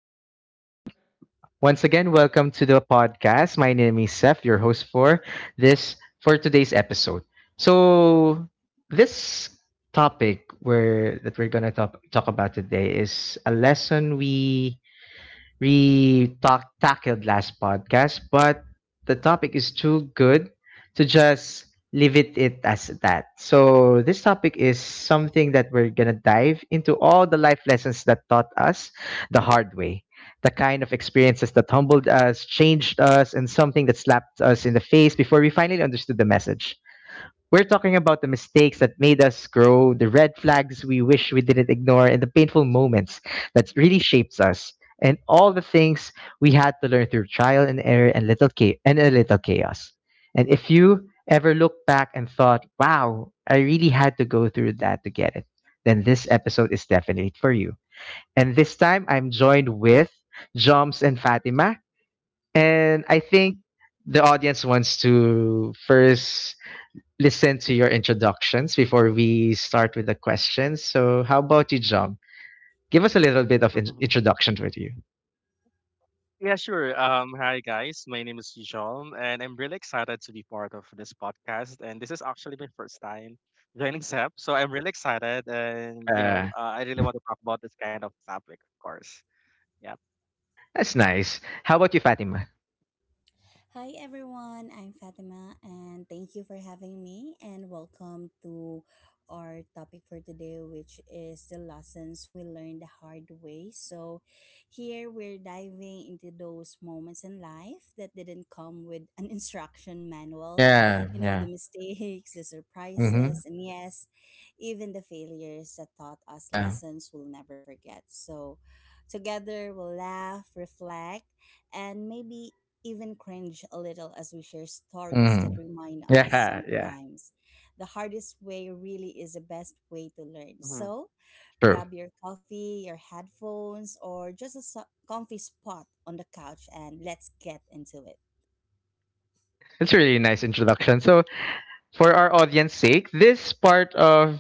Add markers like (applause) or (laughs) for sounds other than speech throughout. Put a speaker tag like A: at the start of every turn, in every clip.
A: Hello, everyone. Once again, welcome to the podcast. My name is Seth, your host for this for today's episode. So, this topic where that we're gonna talk about today is a lesson we talked tackled last podcast, but the topic is too good to just leave it as that. So this topic is something that we're gonna dive into all the life lessons that taught us the hard way. The kind of experiences that humbled us, changed us, and something that slapped us in the face before we finally understood the message. We're talking about the mistakes that made us grow, the red flags we wish we didn't ignore, and the painful moments that really shapes us, and all the things we had to learn through trial and error and a little chaos. And if you ever look back and thought, "Wow, I really had to go through that to get it," then this episode is definitely for you. And this time, I'm joined with Joms and Fatima, and I think the audience wants to first listen to your introductions before we start with the questions. So, how about you, Jom? Give us a little bit of
B: (laughs) Mhm.
A: introduction with you.
B: Yeah, sure. Hi guys, my name is John, and I'm really excited to be part of this podcast. And this is actually my first time joining SEP, so I'm really excited, and
A: Uh,
B: I really want to talk about this kind of topic, of course. Yeah.
A: that's nice. How about you, Fatima?
C: Hi everyone, I'm Fatima and thank you for having me and welcome to our topic for today, which is the lessons we learned the hard way. So here we're diving into those moments in life that didn't come with an (laughs) instruction manual.
A: Yeah,
C: You know, the
A: yeah.
C: mistakes, the
A: Mm-hmm.
C: surprises, and yes, even the failures that taught us
A: Yeah.
C: lessons we'll never forget. So together we'll laugh, reflect, and maybe even cringe a little as we share stories that
A: Mm-hmm.
C: remind us
A: Yeah, yeah.
C: sometimes the hardest way really is the best way to learn.
B: Hmm.
C: So,
A: True.
C: grab your coffee, your headphones, or just a comfy spot on the couch and let's get into it.
A: It's a really nice introduction. So, for our audience sake, this part of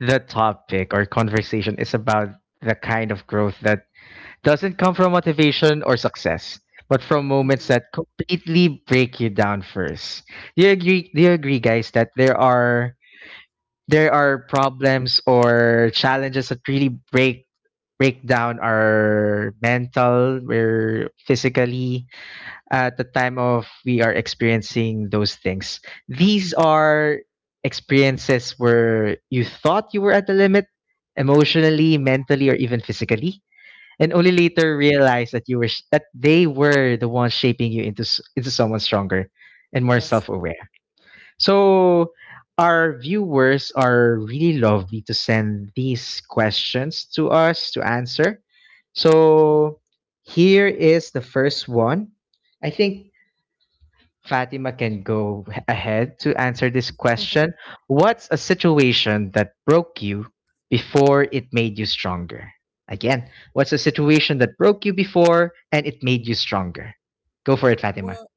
A: the topic or conversation is about the kind of growth that doesn't come from motivation or success, but from moments
C: Mhm.
A: that completely break you down first. Do you agree guys that there are problems or challenges that really break down our mental or physically at the time of we are experiencing those things. These are experiences where you thought you were at the limit emotionally,
C: Yeah,
A: mentally or even physically and only later realize that they were the ones shaping you into into someone stronger and more
C: that's true.
A: self-aware. So our viewers are really lovely to send these questions to us to answer.
C: Mhm.
A: So here is the first one. I think Fatima can go ahead to answer this question.
C: (laughs)
A: What's a situation that broke you before it made you stronger? Again, what's a situation that broke you before and it made you stronger? Go for it, Fatima.
C: Well,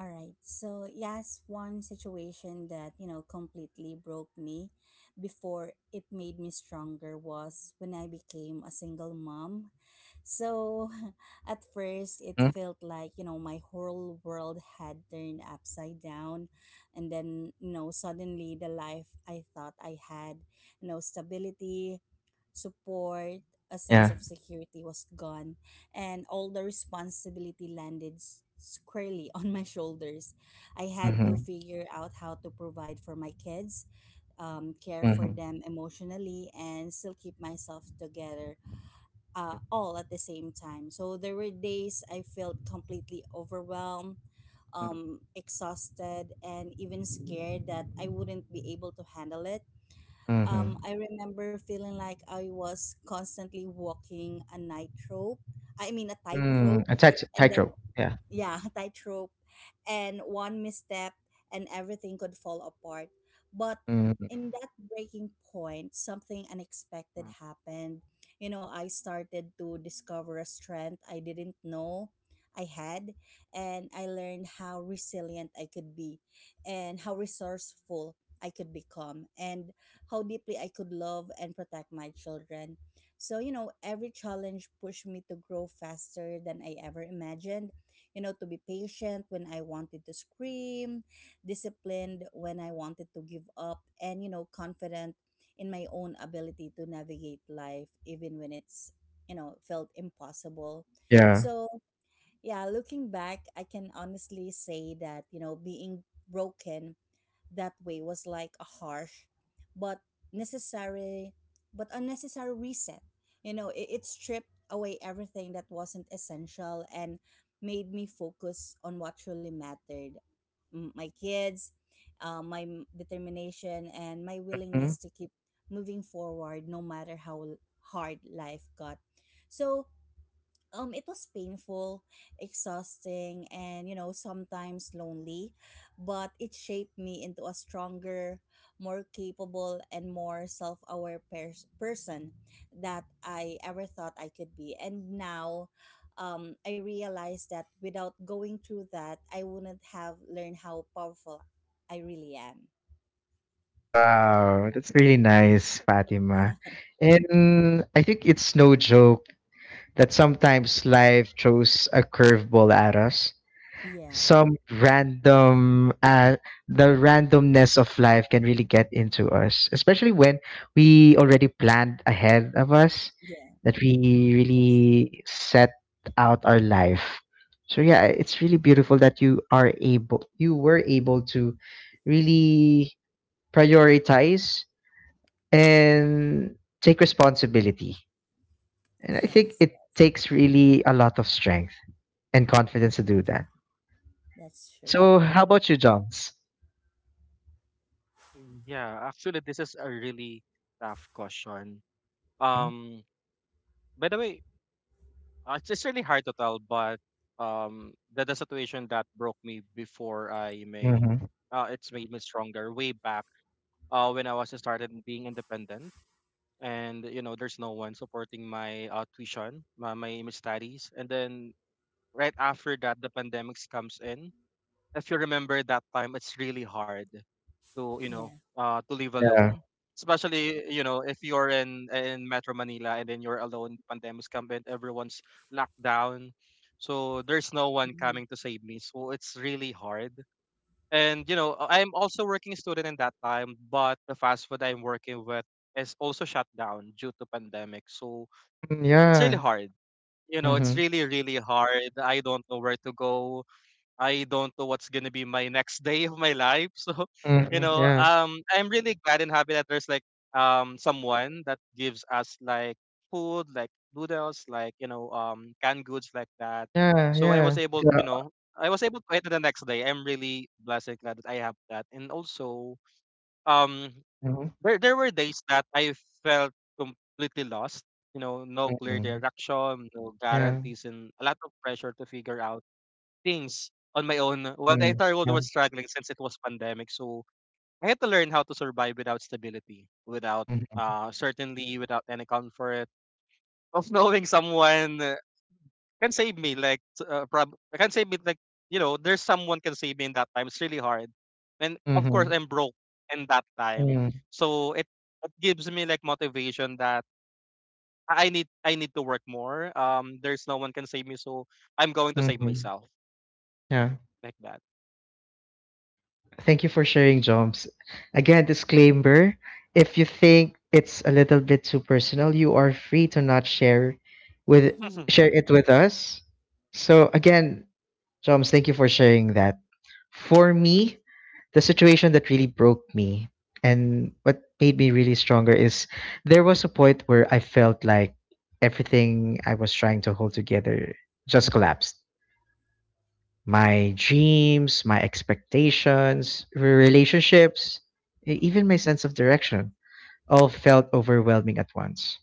C: all right. So, yes, one situation that completely broke me before it made me stronger was when I became a single mom. So, (laughs) at first, it
A: Mm,
C: felt like my whole world had turned upside down. And then suddenly the life I thought I had, stability, support, a sense
A: yeah.
C: of security was gone and all the responsibility landed squarely (laughs) on my shoulders. I had to
A: Mm-hmm.
C: figure out how to provide for my kids, care for
A: Mm-hmm.
C: them emotionally, and still keep myself together, all at the same time. So there were days I felt completely overwhelmed. Exhausted and even scared that I wouldn't be able to handle it. I
A: Mm-hmm.
C: remember feeling like I was constantly walking a nightrope. I mean a
A: Mm.
C: tightrope,
A: A
C: and then,
A: tightrope. Yeah.
C: yeah, (laughs) tightrope, and one misstep, and everything could fall apart. But
A: Mm,
C: in that breaking point, something unexpected happened. You know, I started to discover a strength I didn't know I had, and I learned how resilient I could be, and how resourceful I could become, and how deeply I could love and protect my children. So every challenge pushed me to grow faster than I ever imagined, to be patient when I wanted to scream, disciplined when I wanted to give up, and confident in my own ability to navigate life, even when it's felt impossible.
A: yeah.
C: So, yeah, looking back, I can honestly say that being broken that way was like a harsh but necessary but unnecessary reset. It stripped away everything that wasn't essential and made me focus on what truly mattered. My kids, my determination, and my willingness
A: Mhm.
C: to keep moving forward no matter how hard life got. So, it was painful, exhausting, and sometimes lonely, but it shaped me into a stronger, more capable, and more self-aware person that I ever thought I could be. And now, I realize that without going through that I wouldn't have learned how powerful I really am.
A: Wow, that's really nice,
C: (laughs)
A: Fatima.
C: Yeah,
A: And I think it's no joke that sometimes life throws a curveball at us.
C: yeah,
A: Some random, the randomness of life can really get into us, especially when we already planned ahead of us
C: yeah,
A: that we
C: that's
A: really set out our life. So yeah, it's really beautiful that you were able to really prioritize and take responsibility. And I
C: true.
A: think
C: Yes,
A: it takes really a lot of strength and confidence to do that.
C: that's true.
A: So, how about you, Joms?
B: Yeah, actually, this is a really tough question. Um, by the way, it's just really hard to tell, but the situation that broke me before I made,
A: Mm-hmm.
B: uh, it's made me stronger way back when I was just started being independent, and there's no one supporting my tuition, my image studies, and then right after that, the pandemics comes in. If you remember that time, it's really hard to
C: Yeah.
B: to live
A: Yeah.
B: alone, especially if you're in Metro Manila and then you're alone. Pandemic's come in, everyone's locked down, so there's no one
C: Mhm.
B: coming to save me. So it's really hard, and am also working student in that time, but the fast food I'm working with is also shut down due to pandemic. So
A: Mm,
B: it's really
A: yeah.
B: hard. You know, it's
A: Mm-hmm.
B: really, really hard. I don't know where to go. I don't know what's gonna be my next day of my life. (laughs) So,
A: Mm-hmm. Yeah.
B: I'm really glad and happy that there's like someone that gives us like food, like noodles, like canned goods like that.
A: Yeah.
B: So I was
A: Yeah.
B: able,
A: Yeah.
B: you know, I was able to eat it the next day. I'm really blessed and glad that I have that. And also, um,
A: Mm-hmm.
B: there were days that I felt completely lost. You know, no clear
A: Mm-hmm.
B: direction, no
A: Yeah.
B: guarantees, and a lot of pressure to figure out things on my own while the
A: Mm-hmm.
B: entire world
A: Yeah.
B: was struggling since it was pandemic. So I had to learn how to survive without stability, without
A: Mm-hmm.
B: certainly without any comfort of (laughs) knowing someone can save me. Like can save me. Like there's someone can save me in that time. It's really hard, and of
A: Mm-hmm.
B: course I'm broke in that time. So it gives me like motivation that I need to work more. There's no one can save me, so I'm going to save
A: Mm-hmm.
B: myself
A: Yeah.
B: like that.
A: Thank you for sharing, Joms. Again, disclaimer if you think it's a little bit too personal, you are free to not with
C: (laughs)
A: share it
C: Yeah.
A: with us. So again, Joms, thank you for sharing that. For me, the situation that really broke me and what made me really stronger is there was a point where I felt like everything I was trying to hold together just collapsed my dreams, my expectations, relationships, even my sense of direction all felt overwhelming at once.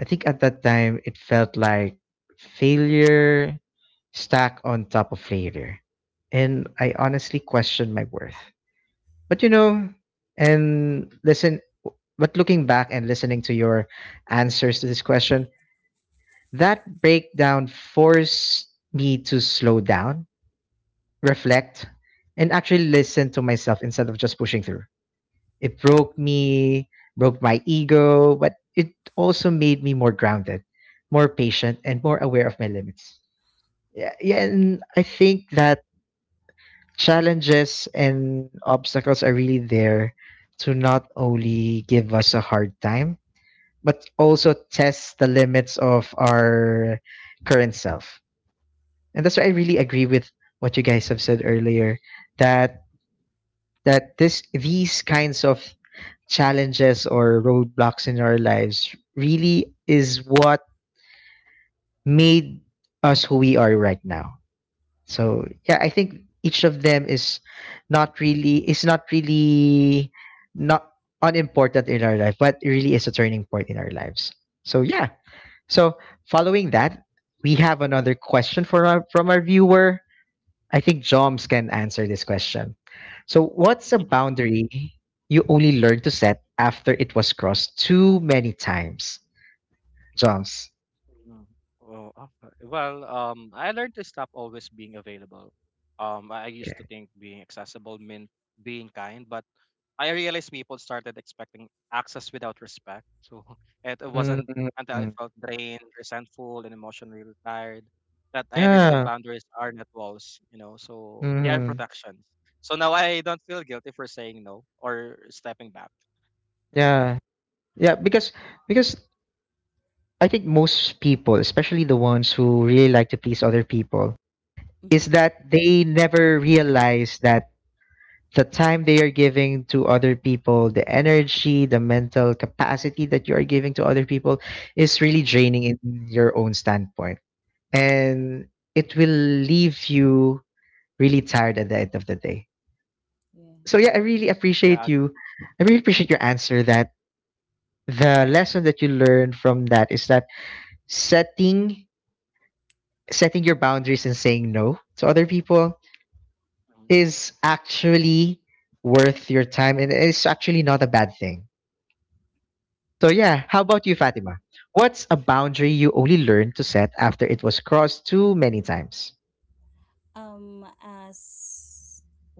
A: I think at that time it felt like failure stacked on top of failure. And I honestly questioned my worth. But you know, and listen, but looking back and listening to your answers to this question, that breakdown forced me to slow down reflect and actually listen to myself instead of just pushing through. It broke
C: Mhm.
A: me, broke my ego, but it also made me more grounded, more patient, and more aware of my limits. Yeah, yeah, and I think that challenges and obstacles are really there to not only give us a hard time, but also test the limits of our current self. And that's why I really agree with what you guys have said earlier that that this these kinds of challenges or roadblocks in our lives really is what made us who we are right now. So yeah, I think each of them is not really not unimportant in our life, but it really is a turning point in our lives. So yeah.
C: Mhm.
A: So following that, we have another question from our viewer. I think Joms can answer this question. So, what's a
B: (laughs)
A: boundary you only learned to set after it was crossed too many times? Joms.
B: Mm. Oh, okay. Well, I learned to stop always being available. I used to
A: Okay.
B: think being accessible meant being kind, but I realized people started expecting access without respect. So (laughs) it wasn't until I
A: Mm-hmm.
B: felt drained, resentful, and emotionally tired that I understood
A: Yeah.
B: boundaries are not walls, so they are
A: Hmm.
B: protections. So now I don't feel guilty for saying no or stepping back.
A: Yeah. Yeah. Because I think most people, especially the ones who really like to please other people, is
C: Mhm.
A: that they never realize that the time they are giving to other people, the energy, the mental capacity that you are giving to other people is
B: Mm.
A: really draining in your own standpoint. And it will leave you really tired at the end of the day.
C: Yeah.
A: So yeah, I really
B: Yeah.
A: appreciate you. I really appreciate your answer that the lesson that you learned from that is that setting setting your boundaries and saying no to other people
B: Mm,
A: is actually worth your time and it's actually not a bad thing. So yeah, how about you,
B: mm,
A: Fatima? What's a boundary you only learned to set after it was crossed too many times?
C: As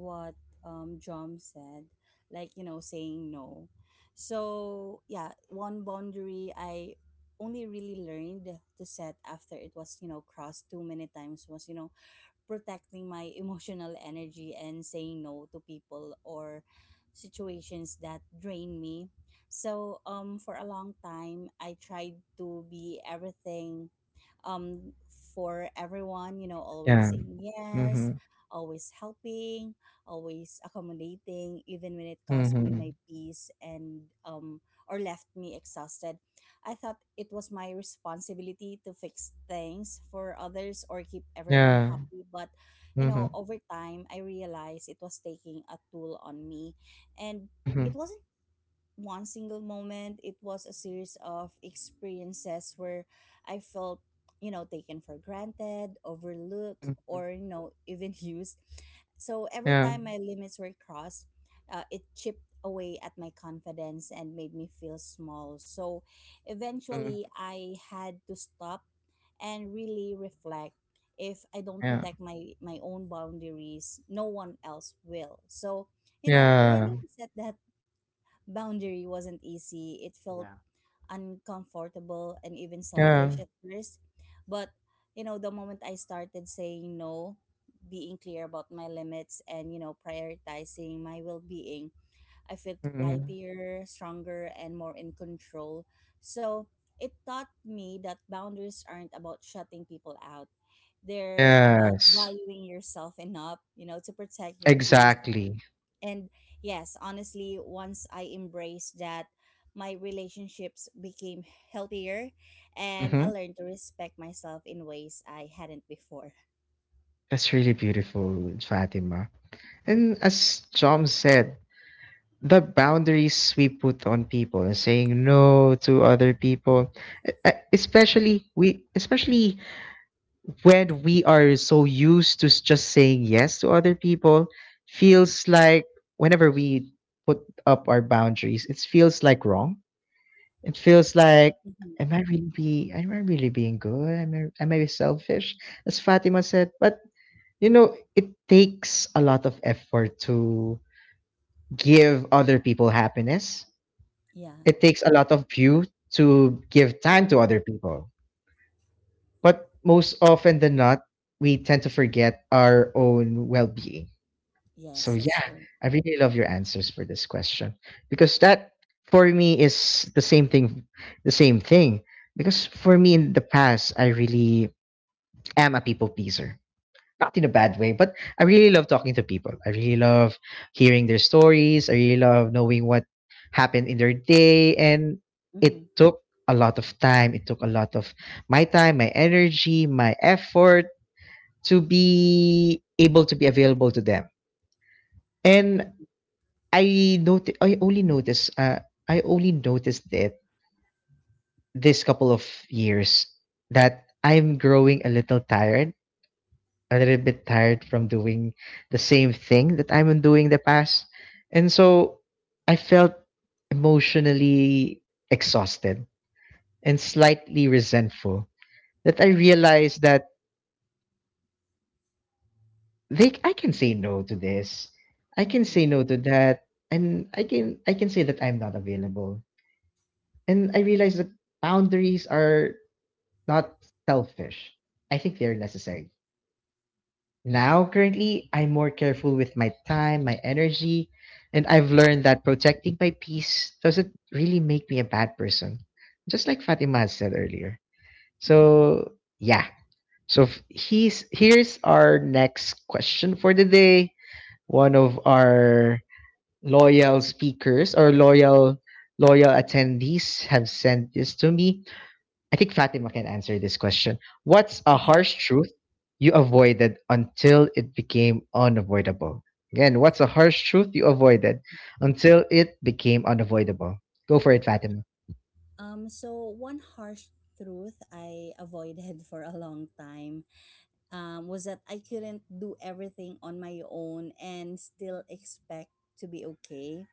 C: what John said, like, saying no. So, yeah, one boundary I only really learned to set after it was crossed too many times was protecting my (laughs) emotional energy and saying no to people or situations that drain me. So for a long time I tried to be everything, um, for everyone, always
A: Yeah.
C: saying yes,
A: Mm-hmm.
C: always helping, always accommodating, even when it cost me my
A: Mm-hmm.
C: peace and, or left me exhausted. I thought it was my responsibility to fix things for others or keep everyone
A: Yeah.
C: happy, but,
A: Mm-hmm.
C: over time, I realized it was taking a toll on me, and
A: Mm-hmm.
C: it wasn't one single moment. It was a series of experiences where I felt, taken for granted, overlooked,
A: Mm-hmm.
C: or, even (laughs) used. So every
A: Yeah.
C: time my limits were crossed, it chipped away at my confidence and made me feel small. So eventually,
A: Mm-hmm.
C: I had to stop and really reflect. If I don't
A: Yeah.
C: protect my own boundaries, no one else will. So,
A: Yeah.
C: learning to set that boundary wasn't easy. It
B: yeah.
C: felt uncomfortable and even selfish
A: Yeah.
C: at first. But, the moment I started saying no, being clear about my limits and, prioritizing my well being, I felt
A: Mm-hmm.
C: lighter, stronger, and more in control. So it taught me that boundaries aren't about shutting people out. They're about
A: Yes.
C: valuing yourself enough, to protect your peace.
A: Exactly.
C: And yes, honestly, once I embraced that, my relationships became healthier and I
A: Mm-hmm.
C: learned to respect myself in ways I hadn't before.
A: That's really beautiful, Fatima. And as John said, the boundaries we put on people and saying no to other people
B: Mm,
A: especially when we are so used to just saying yes to other people, feels like whenever we put up our boundaries, it feels like wrong. It feels like
C: Hmm.
A: am I really being good? Am I selfish? As Fatima said, but you know, it takes a lot of effort to give other people happiness.
C: Yeah,
A: It takes a lot of you to give
B: yeah.
A: time to other people. But most often than not, we tend to forget our own well being.
C: yes,
A: So,
C: that's
A: yeah,
C: true.
A: I really love your answers for this question because that for me is the same thing. The same thing. Because for me in the past, I really am a people pleaser not in a bad way, but I really love talking to people. I really love hearing their stories. I really love knowing what happened in their day. And
C: Hmm.
A: it took a lot of time. It took a lot of my time, my energy, my effort to be able to be available to them.
C: Hmm.
A: And I noti- I only noticed it this couple of years that I'm growing a little bit tired from doing the same thing that I'm doing the past. And so I felt emotionally exhausted and slightly resentful that I realized that they I can say no to this. I can say no to that. And I can say that I'm not available. And I realized that boundaries are not selfish. I think they're necessary. Now, currently, I'm more careful with my time, my energy, and I've learned that protecting my peace doesn't really make me a bad person, just like Fatima had said earlier. So, yeah. So, here's our next question for the day. One of our loyal speakers or loyal attendees have sent this to me. I think Fatima can answer this question. What's a
C: Hmm.
A: harsh truth you avoided until it became unavoidable? Again, what's a harsh truth you avoided until it became unavoidable? Go for it, Fatima.
C: So, one harsh truth I avoided (laughs) for a long time, was that I couldn't do everything on my own and still expect to be okay.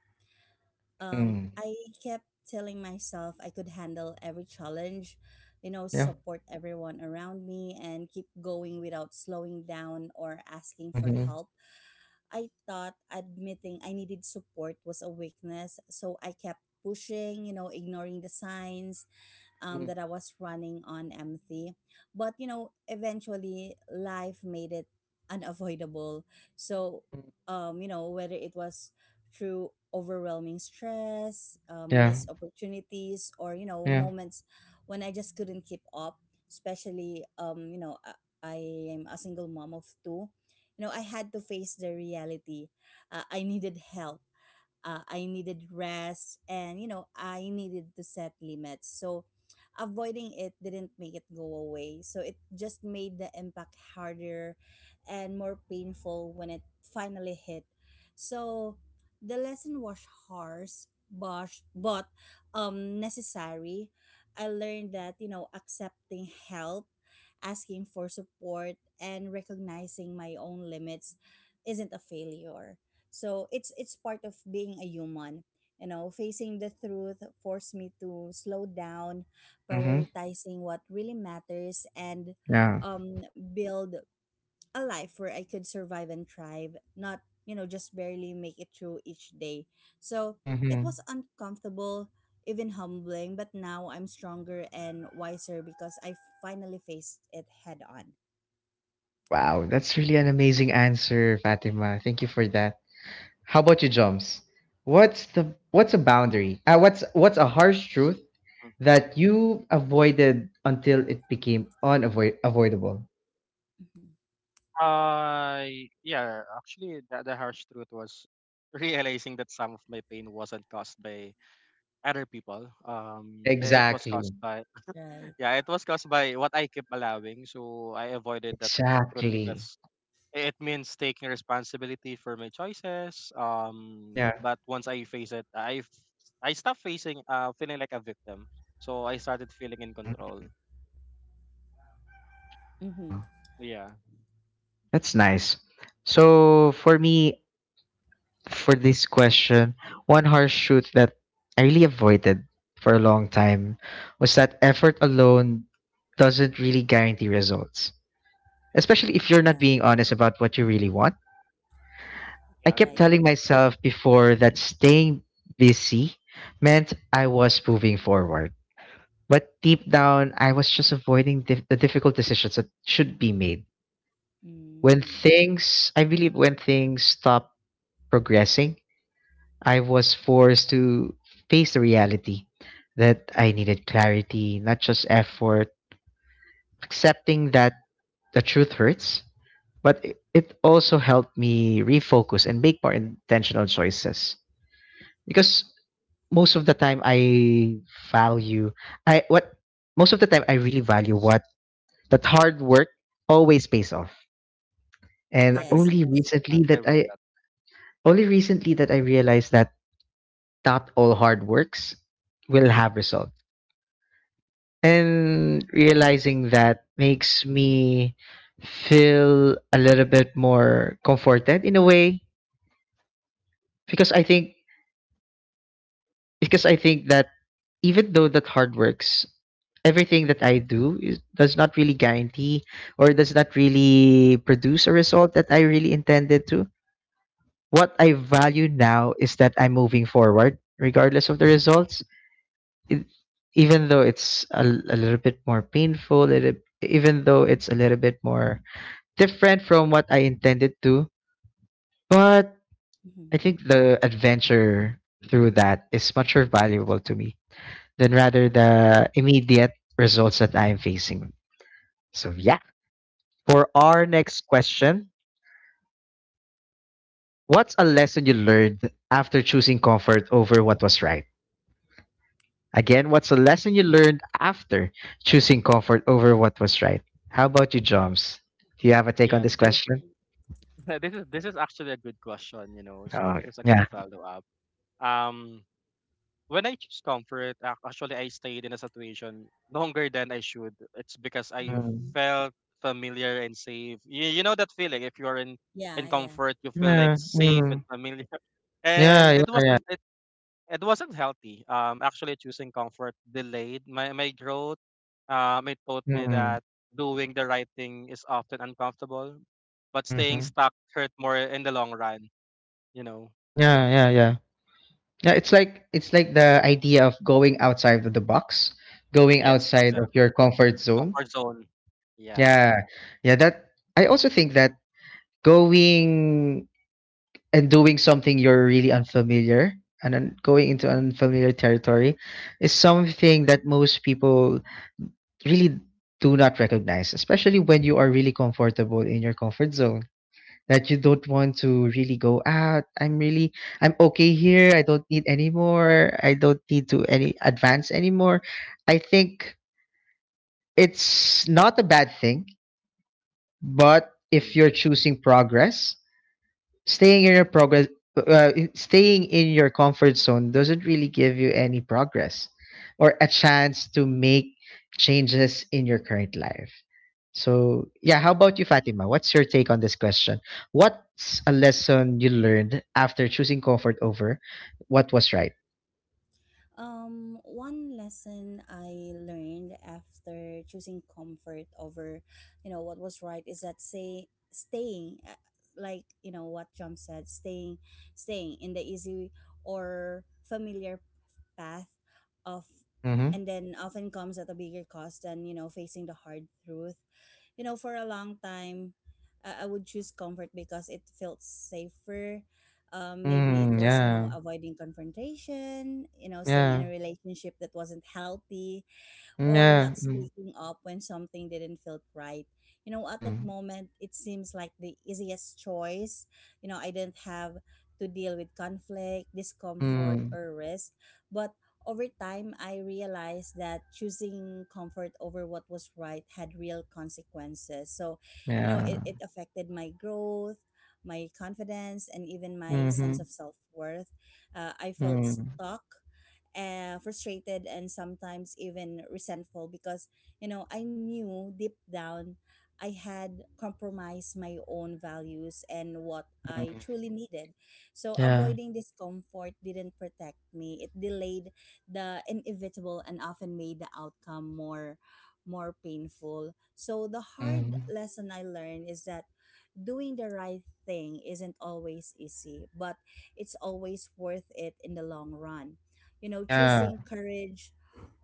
C: um,
A: Mm.
C: I kept telling myself I could handle every challenge,
A: Yeah.
C: support everyone around me and keep going without slowing down or asking for
A: Mm-hmm.
C: help. I thought admitting I needed support was a weakness, so I kept pushing, ignoring the signs, that I was running on empty. But eventually life made it unavoidable. So,
A: Mm-hmm.
C: whether it was through overwhelming stress,
A: Yeah.
C: missed opportunities, or
A: Yeah.
C: moments when I just couldn't keep up, especially, I am a single mom of two. You know, I had to face the reality. I needed help. I needed rest, and I needed to set limits. So, avoiding it didn't make it go away. So, it just made the impact harder and more painful when it finally hit. So, the lesson was harsh, bosh, but, necessary. I learned that, accepting help, asking for support, and recognizing my own limits isn't a failure. So it's part of being a human. Facing the truth forced me to slow down,
A: Mm-hmm.
C: prioritizing what really matters, and,
A: Yeah.
C: um, build a life where I could survive and thrive, not just barely make it through each day. So it
A: Mhm.
C: was uncomfortable, even humbling, but now I'm stronger and wiser because I finally faced it head on.
A: Wow, that's really an amazing answer, Fatima. Thank you for that. How about you, Joms? What's the what's a boundary? What's a harsh truth that you avoided until it became unavoid avoidable?
C: Mhm.
B: Uh, yeah, actually, the harsh truth was (laughs) realizing that some of my pain wasn't caused by other people. It was caused
A: Exactly.
B: by,
C: Right.
B: (laughs) yeah, it was caused by what I kept allowing. So I avoided that truth
A: Exactly.
B: because it means taking responsibility for my choices. Um,
A: Yeah.
B: but once I face it, I stopped facing feeling like a victim. So I started feeling in
A: Mm.
B: control.
C: Mm-hmm.
A: Oh,
B: Yeah,
A: that's nice. So for me, for this question, one harsh truth that I really avoided for a long time was that effort alone doesn't really guarantee results, especially if you're not
C: Yeah.
A: being honest about what you really want. I
B: yeah,
A: kept
B: agree,
C: Right.
A: telling myself before that staying busy meant I was moving forward. But deep down, I was just avoiding the difficult decisions that should be made. When
C: Mm.
A: things, I believe, when things stop progressing, I was forced to face the reality that I needed clarity, not just effort, accepting that the truth hurts, but it also helped me refocus and make more intentional choices. Because most of the time I value I what most of the time I really value what that hard work always pays off. And
B: agree,
C: Yes, yes.
B: agree with that.
A: only recently that I realized that not all hard works will have results. And realizing that makes me feel a little bit more comforted in a way because I think that even though that hard works everything that I do does not really guarantee or does not really produce a result that I really intended to. What I value now is that I'm moving forward regardless of the results. It, Even though it's a little bit more painful, even though it's a little bit more different from what I intended to, but
C: Hmm.
A: I think the adventure through that is much more valuable to me than rather the
B: Agree.
A: immediate results that I am facing. So yeah. For our next question, what's a lesson you learned after choosing comfort over what was right? Again, what's a lesson you learned after choosing comfort over what was right? How about you, Joms? Do you have a take on
B: Yeah,
A: this
B: (laughs) this
A: question?
B: (laughs) This is actually a good question. So
A: Oh
B: this is a good
A: yeah.
B: follow up. Um, when I choose comfort, actually I stayed in a situation longer than I should. It's because I
C: Hmm.
A: Mm.
B: felt familiar and safe. You know that feeling if you're in
C: Yeah, yeah.
B: comfort, you feel like
A: Yeah.
B: safe and
A: Mm.
B: familiar. (laughs) And
A: Yeah.
B: it
A: Yeah.
B: wasn't it, it wasn't healthy. Actually choosing comfort delayed my growth. It taught me
A: Yeah.
B: that doing the right thing is often uncomfortable, but staying
A: Mhm.
B: stuck hurt more in the long run. You know?
A: Yeah, yeah, yeah. Yeah, it's like the idea of going outside of the box, going
B: Yes,
A: outside of
B: exact.
A: your comfort zone.
B: Comfort zone. Yeah.
A: Yeah. Yeah, that I also think that going and doing something you're really unfamiliar and then going into unfamiliar territory is something that most people really do not recognize, especially when you are really comfortable in your comfort zone, that you don't want to really go out. I'm really I'm okay here. I don't need any more. I don't need to any advance anymore. I think it's not a bad thing, but
B: Agree.
A: if you're choosing progress staying in your progress staying in your comfort zone doesn't really give you any progress or a chance to make changes in your current life. So yeah, how about you, Fatima? What's your take on this question? What's a lesson you learned after choosing comfort over what was right?
C: One lesson I learned after choosing comfort over, what was right is that say staying, like, you know what John said, staying in the easy or familiar path of,
A: Mm-hmm.
C: and then often comes at a bigger cost than facing the hard truth. For a long time, I would choose comfort because it felt safer, maybe it
A: Mm,
C: was
A: yeah.
C: avoiding confrontation, staying in
A: Yeah.
C: a relationship that wasn't healthy or
A: Yeah.
C: not
A: Mm.
C: speaking up when something didn't feel right. At that
A: Mm.
C: moment, it seems like the easiest choice. I didn't have to deal with conflict, discomfort,
A: Mm.
C: or risk. But over time, I realized that choosing comfort over what was right had real consequences. So,
A: Yeah.
C: it affected my growth, my confidence, and even my
A: Mm-hmm.
C: sense of self worth. I felt
A: Mm.
C: stuck, frustrated and sometimes even resentful because I knew deep down I had compromised my own values and what I
A: Mm.
C: truly needed. So
A: Yeah.
C: avoiding discomfort didn't protect me. It delayed the inevitable and often made the outcome more painful. So the hard
A: Mm.
C: lesson I learned is that doing the right thing isn't always easy, but it's always worth it in the long run. you know,
A: Yeah.
C: choosing courage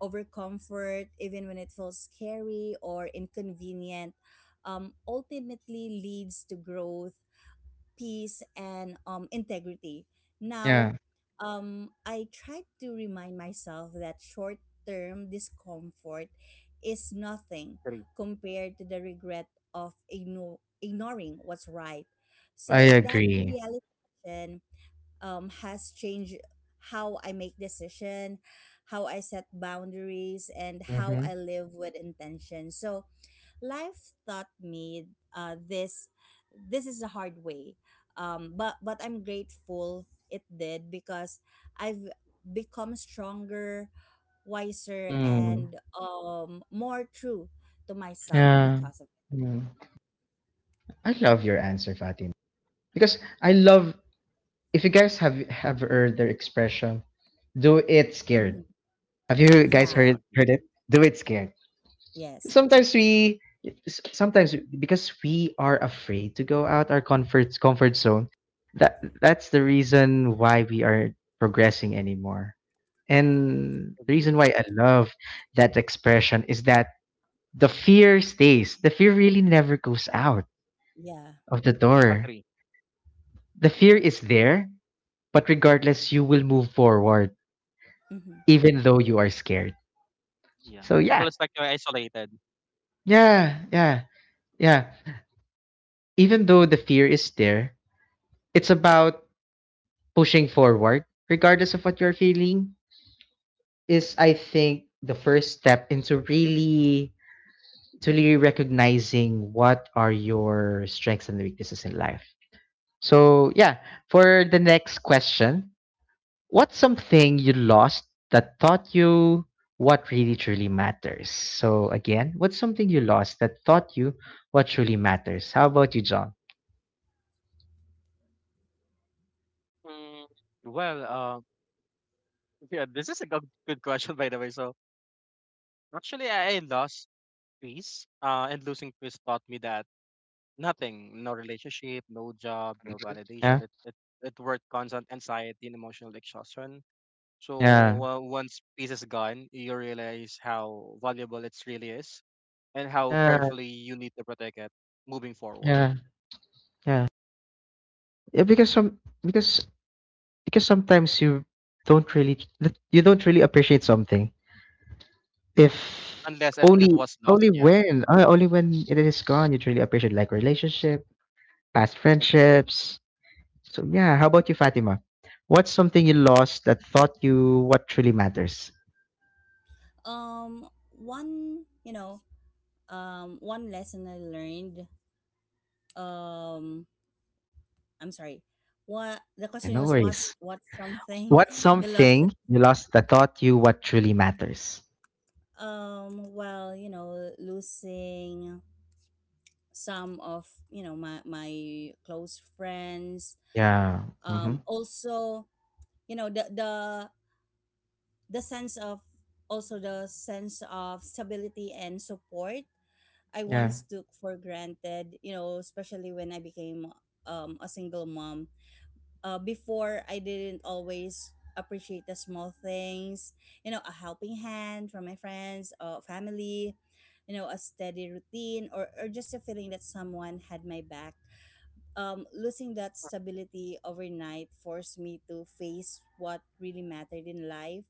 C: over comfort, even when it feels scary or inconvenient, ultimately leads to growth, peace, and, integrity.
A: Yeah.
C: Now, I try to remind myself that short term discomfort is nothing
B: Agree.
C: compared to the regret of ignoring what's right.
A: I
C: So that
A: agree.
C: realization, has changed how I make decision, how I set boundaries, and how
A: Mhm.
C: I live with intention. So life taught me, this. This is the hard way, but I'm grateful it did because I've become stronger, wiser,
A: Mm.
C: and, more true to myself
A: Yeah.
C: because of it.
A: Mm. I love your answer, Fatima. Because I love, if you guys have heard their expression, do it scared.
C: Mhm.
A: Have you guys
B: Yeah.
C: Yeah.
A: heard
B: Agree.
A: heard it? Do it scared.
C: Yes.
A: Sometimes we sometimes because we are afraid to go out our comfort zone, that that's the reason why we aren't progressing anymore. And the
B: Agree.
A: reason why I love that expression is that the fear stays. The fear really never goes out
C: Yeah.
A: of the door.
B: Agree.
A: The fear is there, but regardless, you will move forward
C: Hmm.
A: even though you are scared.
B: Yeah.
A: So
B: It
A: yeah,
C: Right.
B: feels like you're isolated.
A: yeah, yeah, yeah. Even though the fear is there, it's about pushing forward, regardless of what you're feeling. Is, I think, the first step into really, to really recognizing what are your strengths and weaknesses in life. So yeah, for the next question, what's something you lost that taught you what really truly matters? So again, what's something you lost that taught you what truly matters? How about you, John?
B: Mm, well, yeah, this is a good, good question, by the way. So actually, I lost peace. And losing peace taught me that nothing, no relationship, no job, no
A: Yeah,
B: validation. It worked constant anxiety and emotional exhaustion. So
A: yeah,
B: once peace is gone, you realize how valuable it really is, and how
A: yeah,
B: carefully you need to protect it moving forward,
A: yeah, yeah. Yeah, because sometimes you don't really, you don't really appreciate something. If
B: unless it
A: only
B: was lost.
A: Only
B: Yeah,
A: when only when it is gone you truly appreciate, like relationship, past
B: agree.
A: friendships. So yeah, how about you, Fatima? What's something you lost that taught you what truly matters?
C: One. One lesson I learned um I'm sorry, what the
A: And
C: question
A: no
C: was,
A: worries.
C: what something
A: What's
C: (laughs) you lost
A: something
C: it?
A: you lost that taught you what truly matters?
C: Well, you know, losing some of, my close friends,
A: Yeah. Mm-hmm.
C: also, you know the the the sense of the sense of stability and support I
A: Yeah.
C: once took for granted, especially when I became, a single mom. Before I didn't always appreciate the small things, a helping hand from my friends or family, a steady routine, or, just a feeling that someone had my back. Losing that stability overnight forced me to face what really mattered in life.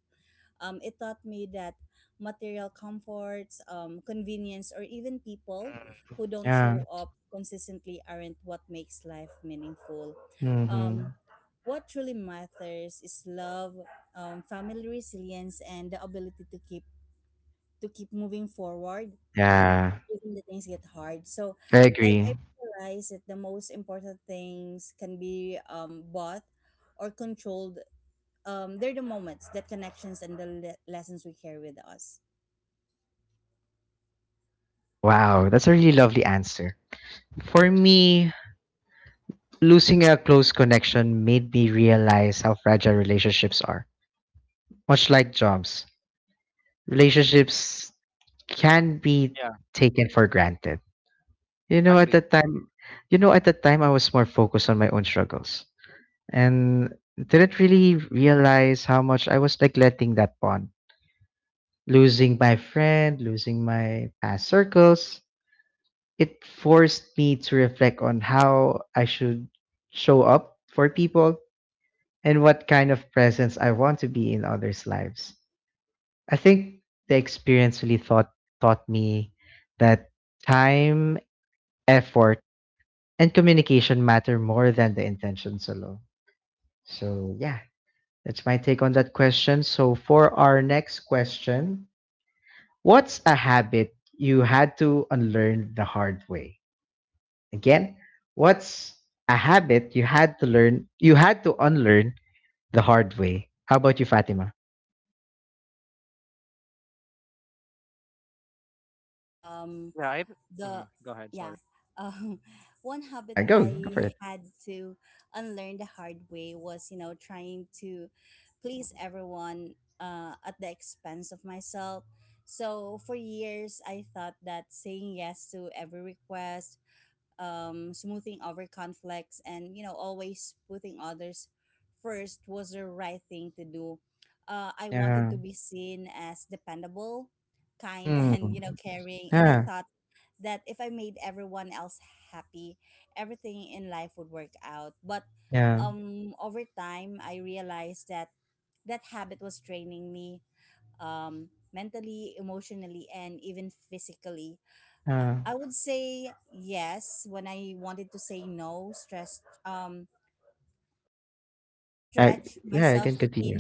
C: It taught me that material comforts, convenience, or even people who don't
A: Yeah.
C: show up consistently aren't what makes life meaningful.
A: Mm-hmm.
C: Um, what truly matters is love, family resilience, and the ability to keep moving forward
A: Yeah.
C: even the things get hard. So
A: I
C: I,
A: agree.
C: I realize that the most important things can be bought or controlled. They're the moments, the connections, and the lessons we carry with us.
A: Wow, that's a really lovely answer. For me, losing a close connection made me realize how fragile relationships are. Much like jobs, relationships can be
B: Yeah,
A: taken for granted. You know, at
B: agree.
A: that time, you know, at that time, I was more focused on my own struggles and didn't really realize how much I was neglecting that bond. Losing my friend, losing my past circles, it forced me to reflect on how I should show up for people and what kind of presence I want to be in others' lives. I think the experience really taught me that time, effort, and communication matter more than the intentions alone. So yeah, that's my take on that question. So for our next question, what's a habit you had to unlearn the hard way? Again, what's a habit you had to unlearn the hard way? How about you, Fatima?
C: Um,
B: Yeah. Mhm.
C: the
B: Go ahead. Sorry.
C: yeah. Um, (laughs) One habit
A: Go for
C: I
A: it.
C: had to unlearn the hard way was, you know, trying to please everyone at the expense of myself. So for years, I thought that saying yes to every request, smoothing over conflicts, and, you know, always putting others first was the right thing to do. I wanted
A: Yeah.
C: to be seen as dependable, kind, (laughs)
A: Mm.
C: and, you know, caring. And I
A: Yeah.
C: thought that if I made everyone else happy, everything in life would work out. But
A: Yeah.
C: over time, I realized that that habit was draining me mentally, emotionally, and even physically.
A: Yeah.
C: I would say yes when I wanted to say no, stress
A: Uh,
C: stretch
A: yeah, I
C: myself
A: can
C: to
A: continue.
C: thin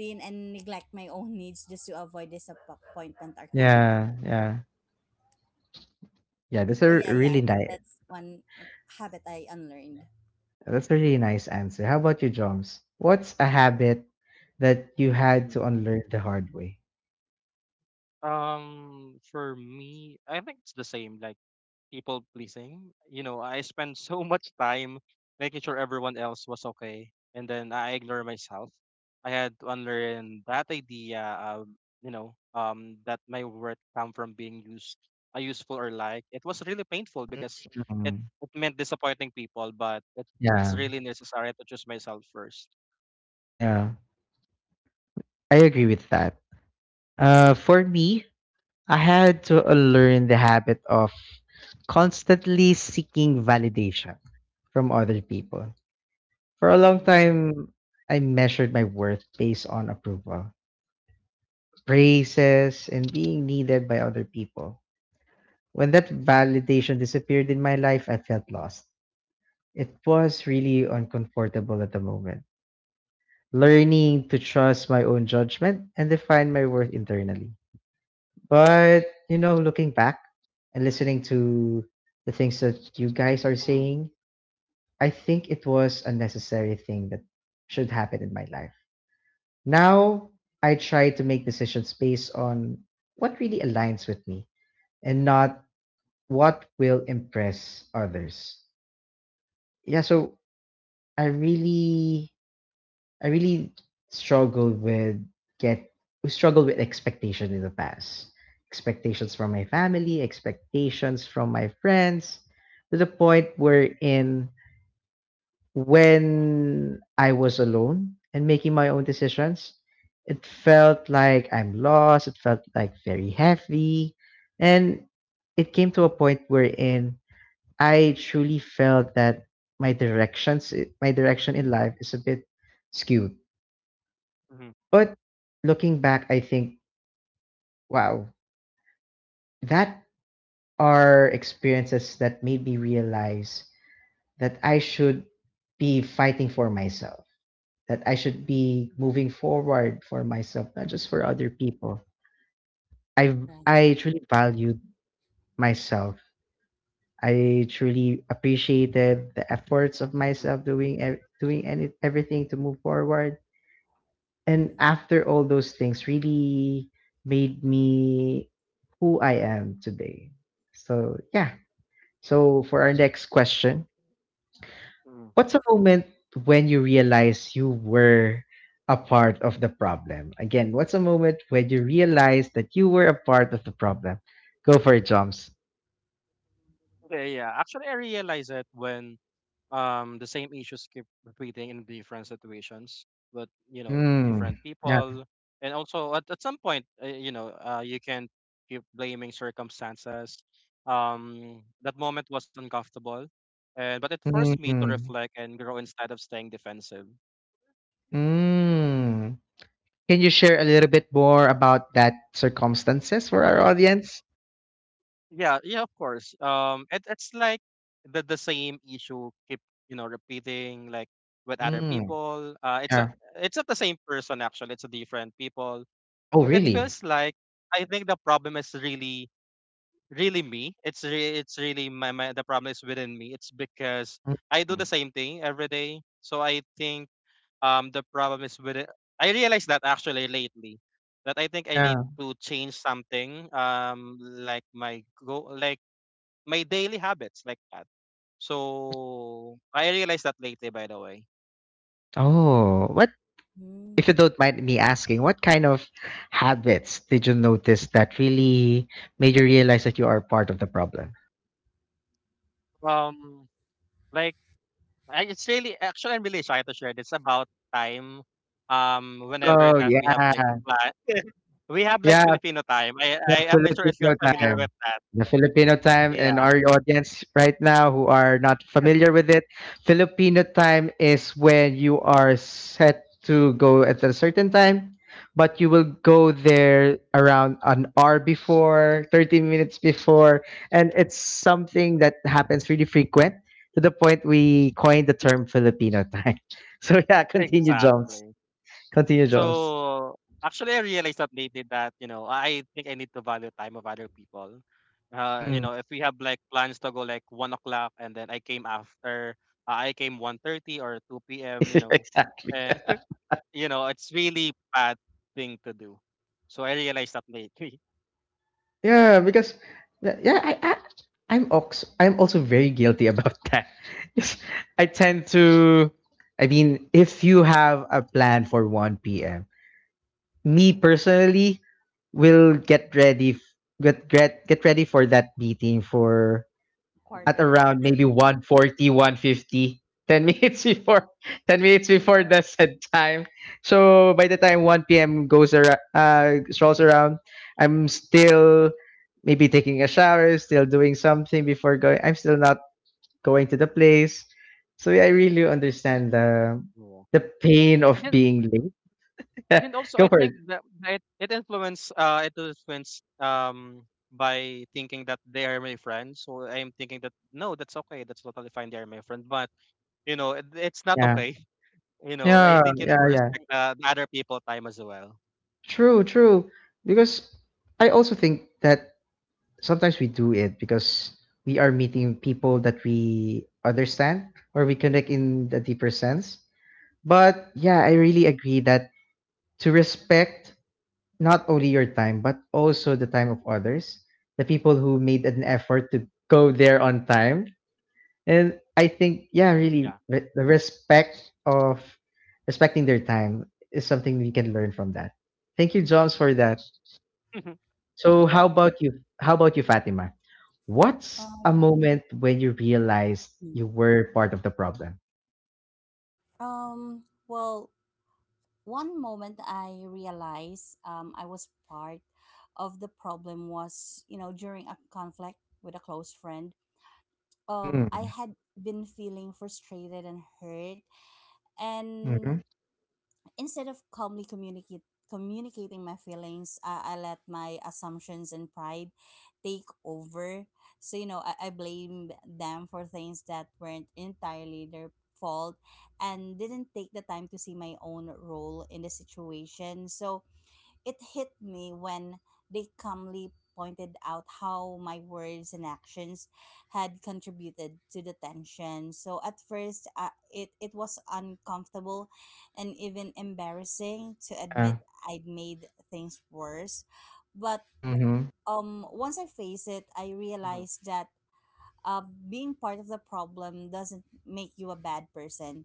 C: thin and neglect my own needs just to avoid disappointment or conflict.
A: Yeah. Yeah. Yeah. That's
C: So
A: a
C: yeah, yeah,
A: really
C: that,
A: nice.
C: that's one habit I unlearned.
A: That's a really nice answer. How about you, Joms? What's a habit that you had
B: Mhm.
A: to unlearn the hard way?
B: For me, I think it's the same. Like, people pleasing. You know, I spent (laughs) so much time making sure everyone else was okay, and then I ignore myself. I had to unlearn that idea of, that my worth come from being useful or liked. It was really painful because it,
A: Mm.
B: it meant disappointing people, but it's
A: Yeah.
B: really necessary to choose myself first.
A: Yeah. I agree with that. For me, I had to unlearn the habit of constantly seeking validation from other people. For a long
B: Mm,
A: time, I measured my worth based on approval, praises, and being needed by other people. When that validation disappeared in my life, I felt lost. It was really uncomfortable at the moment, learning to trust my own judgment and define my worth internally. But, you know, looking back and listening to the things that you guys are
B: mm,
A: saying, I think it was a necessary thing that should happen in my life. Now, I try to make decisions based on what really aligns with me and not what will impress others. Yeah, so I really I really struggled with get struggled with expectations in the past. Expectations from my family, expectations from my friends, to the point wherein when I was alone and making my own decisions, it felt like I'm lost. It felt like very heavy. And it came to a point wherein I truly felt that my my direction in life is a bit skewed.
B: mm,
A: But looking back, I think, wow, that are experiences that made me realize that I should be fighting for myself, that I should be moving forward for myself, not just for
B: mm,
A: other people. I
C: Right.
A: I truly valued myself. I truly appreciated the efforts of
B: mm,
A: myself doing ev- doing any, everything to move forward. And after all those things, really made me who I am today. So yeah. So for our next question,
B: mm.
A: what's a moment when you realize you were a part of the problem? Again, what's a moment when you realize that you were a part of the problem? Go for it, Joms.
B: Yeah, yeah. Actually, I realized it when the same issues keep repeating in different situations but
A: Mm.
B: different
A: Yeah.
B: people, and also at some point, you can keep blaming circumstances. That moment was uncomfortable, and but it forced me to
A: Mm.
B: reflect and grow instead of staying defensive.
A: Mm. Can you share a little bit more about that circumstances for our
B: Hmm.
A: audience?
B: Yeah, yeah, of course. It's like the same issue keep, repeating like with other
A: Mm.
B: people. uh it's a,
A: Yeah.
B: it's not the same person, actually. It's a different people.
A: Oh,
B: But it
A: really?
B: feels like I think the problem is really, really me. It's really my, my the problem is within me. It's because I do the
A: Mm.
B: same thing every day. So I think the problem is with, I realized that actually lately that I think I need
A: Yeah.
B: to change something, like my go like my daily habits like that. So I realized that lately, by the way.
A: Oh, what? If
C: Mm,
A: you don't mind me asking, what kind of habits did you notice that really made you realize that you are
B: Mhm.
A: part of the problem?
B: Um, like, I it's really, actually, I'm really shy to share this about time. Whenever
A: Oh
B: that we have like
A: yeah,
B: plan, (laughs) we have like
A: yeah.
B: Filipino time. I
A: The
B: I am not sure if you're
A: Filipino
B: familiar
C: yeah,
A: time.
B: with that.
A: The Filipino time, and
B: Yeah,
A: our audience right now who are not familiar with it, Filipino time is when you are set to go at a certain time, but you will go there around an hour before, 30 minutes before, and it's something that happens really frequent to the point we coined the term Filipino time. (laughs) So yeah, continue Jones.
B: exactly.
A: Continue Jones.
B: So actually, I realized that lately that I think I need to value time of other people. Uh, you
A: Mm.
B: know, if we have like plans to go like 1 o'clock and then I came after, I came 1:30 or 2 p.m.
A: (laughs) Exactly.
B: Eh, You know, it's really bad thing to do. So I realized that lately.
A: Yeah, because yeah, I I'm also very guilty about (laughs) that. Yes, I tend to I mean, if you have a plan for 1 p.m., me personally will get ready f- get ready for that meeting for
B: (laughs) Hmm.
A: at
C: quarter to
A: around maybe 1:40, 1:50, 10 minutes (laughs) before 10 minutes before
B: Yeah,
A: the set time. So by the time 1 p.m. goes around, strolls around, I'm still maybe taking a shower, still doing something before going. I'm still not going to the place. So yeah, I really understand the
B: yeah.
A: pain
B: And
A: of
B: then
A: being late.
B: and then
A: (laughs)
B: also
A: Go
B: I
A: for it.
B: think that it, it influenced by thinking that they are my friends. So I am thinking that, no, that's okay. That's totally fine. They are my friend. But it's not
A: Yeah.
B: okay. (laughs) You know, I
A: Yeah,
B: think you need to
A: yeah, yeah.
B: respect the other people time as well.
A: True, true. Because I also think that sometimes we do it because we are meeting people that we understand or we connect in the deeper sense. But yeah, I really agree that to respect not only your time, but also the time of others, the people who made an effort to go there on time. And I think, yeah,
B: Mm,
A: really,
B: yeah.
A: the respect of respecting their time is something we can learn from that. Thank you, Joms, for that.
B: (laughs)
A: So
B: No
A: how
B: problem.
A: about you? How about you, Fatima?
C: (laughs)
A: What's a
C: um
A: moment when you realized
C: mm.
A: you were part of the problem?
C: Well, one moment I realized I was part of the problem was, you know, during a conflict with a close friend. I
A: Mm.
C: had been feeling frustrated and hurt, and
A: Mm-hmm.
C: instead of calmly communicate communicating my feelings, I let my assumptions and pride take over. So, you know, I blame them for things that weren't entirely their fault and didn't take the time to see my own role in the situation. So it hit me when they calmly pointed out how my words and actions had contributed to the tension. So at first, it was uncomfortable and even embarrassing to admit
A: Yeah.
C: I'd made things worse. But
A: Mm-hmm.
C: once I faced it, I
B: Mm-hmm.
C: realized that uh, being part of the problem doesn't make you a bad person.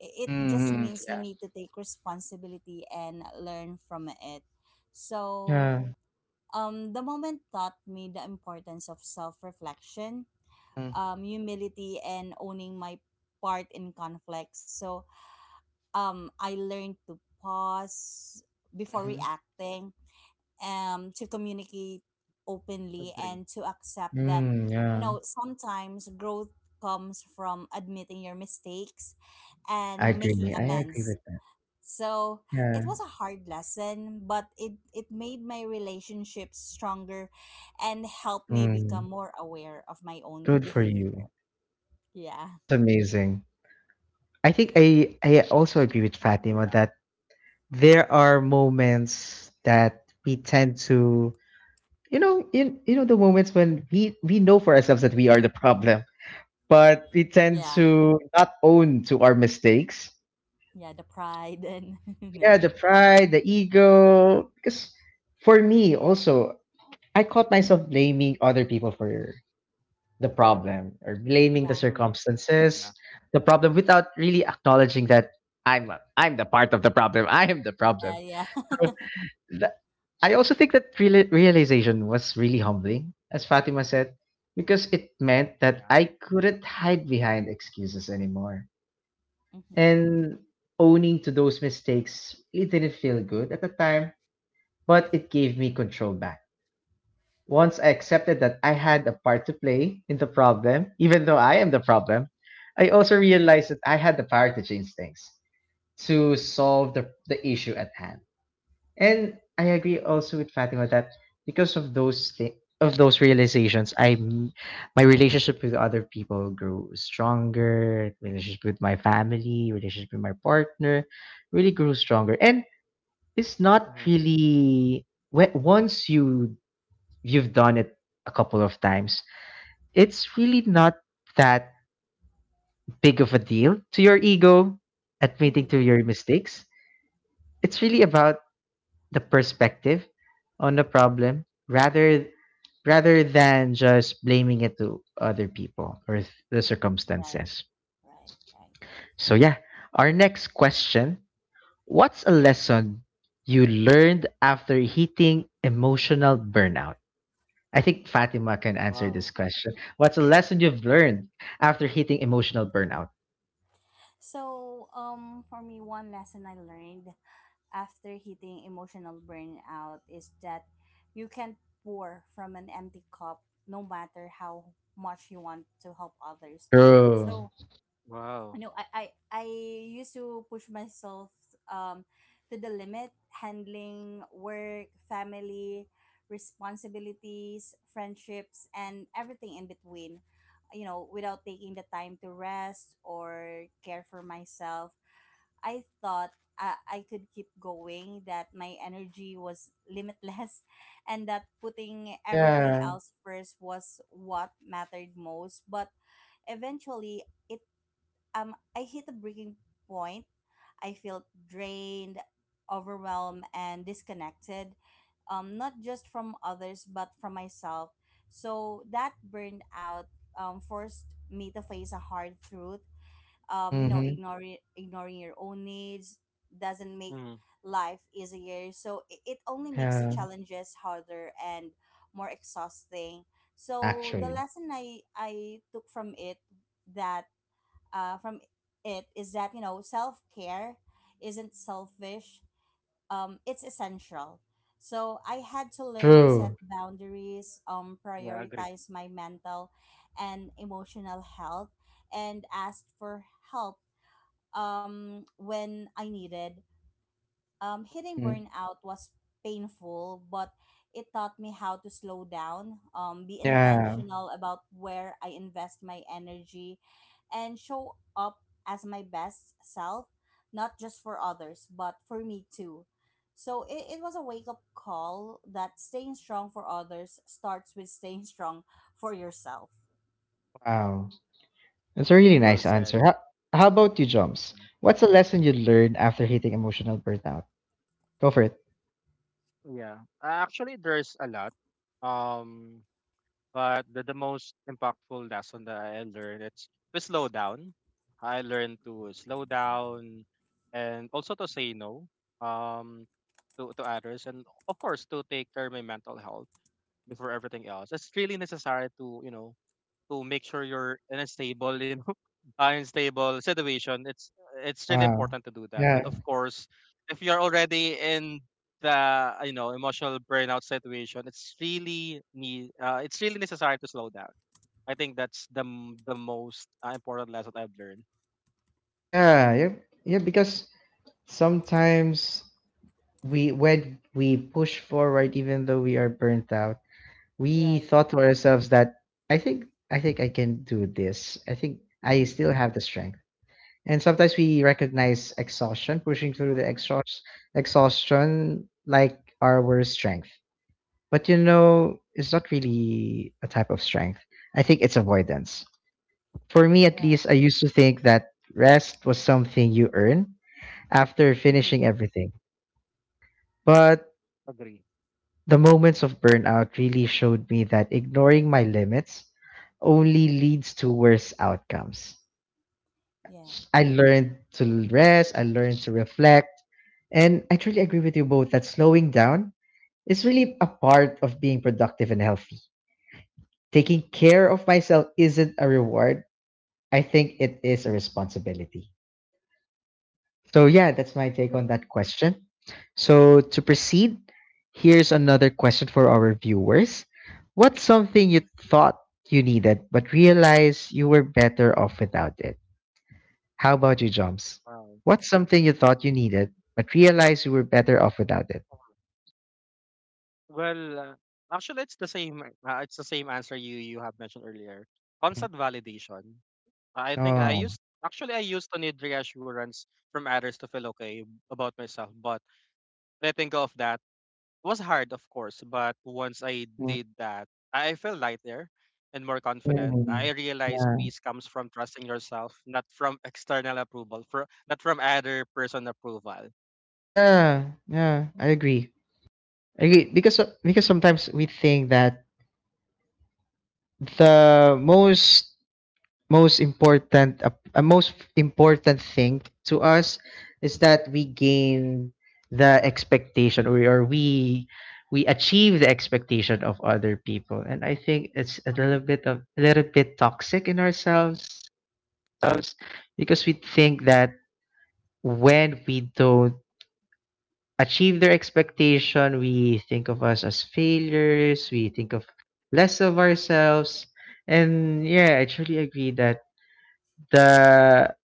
C: It just
A: Mm.
C: means you
A: Yeah.
C: need to take responsibility and learn from it. So,
A: Yeah.
C: the moment taught me the importance of self reflection, humility, and owning my part in conflict. So, I learned to pause before
A: Mm-hmm.
C: reacting, to communicate openly,
B: Agree.
C: and to accept that,
A: Mm,
C: you
A: yeah.
C: know, sometimes growth comes from admitting your mistakes
A: I
C: and making
A: agree. I agree
C: amends.
A: with that.
C: So it
A: Yeah.
C: was a hard lesson, but it made my relationship stronger and helped me
A: Mm,
C: become more aware of my own
A: good for
C: behavior.
A: you.
C: Yeah.
A: That's amazing. I think I also agree with Fatima
B: Yeah.
A: that there are moments that we tend to you know the moments when we know for ourselves that we are the problem, but we tend
C: Yeah.
A: to not own to our mistakes.
C: Yeah. The pride and, (laughs) you
A: Yeah,
C: know,
A: the pride, the ego, because for me also, I caught myself blaming other people for the problem or blaming the
C: yeah.
B: Mm, yeah.
A: circumstances, the problem without really acknowledging that i'm I'm the part of the problem. (laughs) I am the problem.
C: Yeah. Yeah.
A: So, I also think that realization was really humbling, as Fatima said, because it meant that
B: Yeah.
A: I couldn't hide behind excuses anymore.
C: (laughs) Hmm.
A: And owning to those mistakes, it didn't feel good at the time, but it gave me control back. Once I accepted that I had a part to play in the problem, even though I am the problem, I also
C: Yeah.
A: realized that I had the power to change things, to solve the issue at hand. And I agree also with Fatima that because of those realizations, I, my relationship with other people grew stronger. Relationship with my family, relationship with my partner, really grew stronger. And it's not
B: Mm-hmm.
A: really once you you've done it a couple of times, it's really not that big of a deal to your ego admitting
C: Hmm.
A: to
B: Mm-hmm.
A: your mistakes. It's really about the perspective on the problem rather than just blaming it to other people or the
C: Right.
A: circumstances.
C: Right. Right.
A: So yeah, our next question, what's a lesson you learned after hitting emotional burnout? I think Fatima can answer this
B: Wow.
A: question. What's a lesson you've learned after hitting emotional burnout?
C: So, for me, one lesson I learned after hitting emotional burnout is that you can't pour from an empty cup no matter how much you want to help others.
A: True.
C: So, you
B: Wow.
C: know, I used to push myself um, to the limit, handling work, family, responsibilities, friendships, and everything in between, you know, without taking the time to rest or care for myself. I thought I could keep going, that my energy was limitless, (laughs) and that putting everything
A: Yeah.
C: else first was what mattered most. But eventually, it I hit a breaking point. I felt drained, overwhelmed, and disconnected. Not just from others, but from myself. So that burnout forced me to face a hard truth. You know,
A: Mhm.
C: ignoring your own needs doesn't make
B: Mm,
C: life easier. So it only makes the
A: Yeah.
C: challenges harder and more exhausting. So the
A: Actually.
C: lesson I took from it that from it is that, you know, self care isn't selfish. It's essential. So I had to learn to set
A: True.
C: boundaries,
B: yeah, agree.
C: prioritize my mental and emotional health, and ask for help when I needed. Hitting
A: Mm,
C: burnout was painful, but it taught me how to slow down, be
A: yeah.
C: intentional about where I invest my energy, and show up as my best self, not just for others, but for me too. So it was a wake up call that staying strong for others starts with staying (laughs) strong for yourself.
A: Wow. That's a really
B: Well
A: nice
B: said.
A: answer. How about you, Jumps? What's a lesson you learned after hitting emotional burnout? Go for it.
B: Yeah. Actually, there's a lot. Um, but the most impactful lesson that I learned, it's to slow down. I learned to slow down and also to say no um to others and of course to take care of my mental health before everything else. It's really necessary to, to make sure you're in a stable, (laughs) unstable situation. It's really
A: Wow.
B: important to do that. And
A: Yeah.
B: of course, if you're already in the, emotional burnout situation, it's really necessary to slow down. I think that's the most important lesson I've learned.
A: Yeah. Yeah. Yeah. Because sometimes we, when we push forward, even though we are burnt out, we
C: Right.
A: thought to ourselves that I think I can do this. I think I
C: Mm-hmm.
A: still have the strength. And sometimes we recognize exhaustion, pushing through the
B: Mm-hmm.
A: exhaust, exhaustion like our worst strength. But you know, it's not really a type of strength. I think it's avoidance. For me, at
C: Right.
A: least, I used to think that rest was something you earn after
C: Mm-hmm.
A: finishing everything. But
B: Agree.
A: the moments of burnout really showed me that ignoring my limits only leads to worse outcomes.
C: Yeah.
A: I learned to rest, I learned to reflect, and I truly agree with you both that slowing down is really a part of being productive and healthy. Taking care of myself isn't a reward, I think it is a responsibility. So, yeah, that's my take on
B: Agree.
A: that question. So, to proceed, here's another question for our viewers. What's something you thought you needed but realized you were better off without it? How about you, Joms?
B: Wow.
A: What's something you thought you needed but realized you were better off without it?
B: Well, actually, it's the same. It's the same answer you have mentioned earlier.
A: Mhm.
B: Constant validation. I think I
A: Oh.
B: used actually I used to need reassurance from others to feel okay about myself, but letting go of that was hard, of course. But once I
A: Hmm.
B: did that, I felt lighter and more confident. I
A: Mm.
B: realized
A: Yeah.
B: peace comes from trusting yourself, not from external approval, for not from other person approval.
A: Yeah. Yeah, I agree. I agree because because sometimes we think that the most important thing to us is that we gain the expectation, or we achieve the expectation of other people, and I think it's
B: Agree.
A: a little bit toxic in ourselves because we think that when we don't achieve their expectation, we think of us as failures, we think of less of ourselves. And yeah, I truly agree that the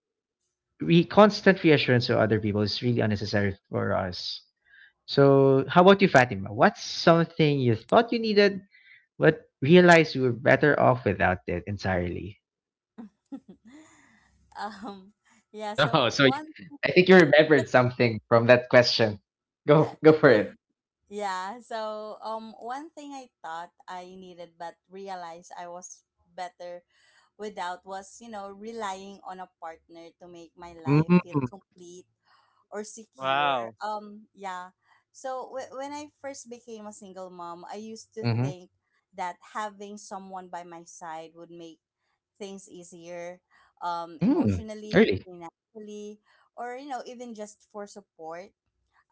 A: constant reassurance of other people is really unnecessary for us. So, how about you, Fatima? What's something you thought you needed, but realized you were better off without it entirely? (laughs)
C: (laughs) um yeah so
A: Oh, so
C: one
A: I think you remembered something from that question. Go for it.
C: one thing I thought I needed but realized I was better without was, you know, relying on a partner to make my life feel
A: Mm-hmm.
C: complete or secure.
B: Wow.
C: Yeah. So when I first became a single mom, I used to
A: Mm-hmm.
C: think that having someone by my side would make things easier,
A: Mm,
C: emotionally,
A: really?
C: financially, or, you know, even just for support.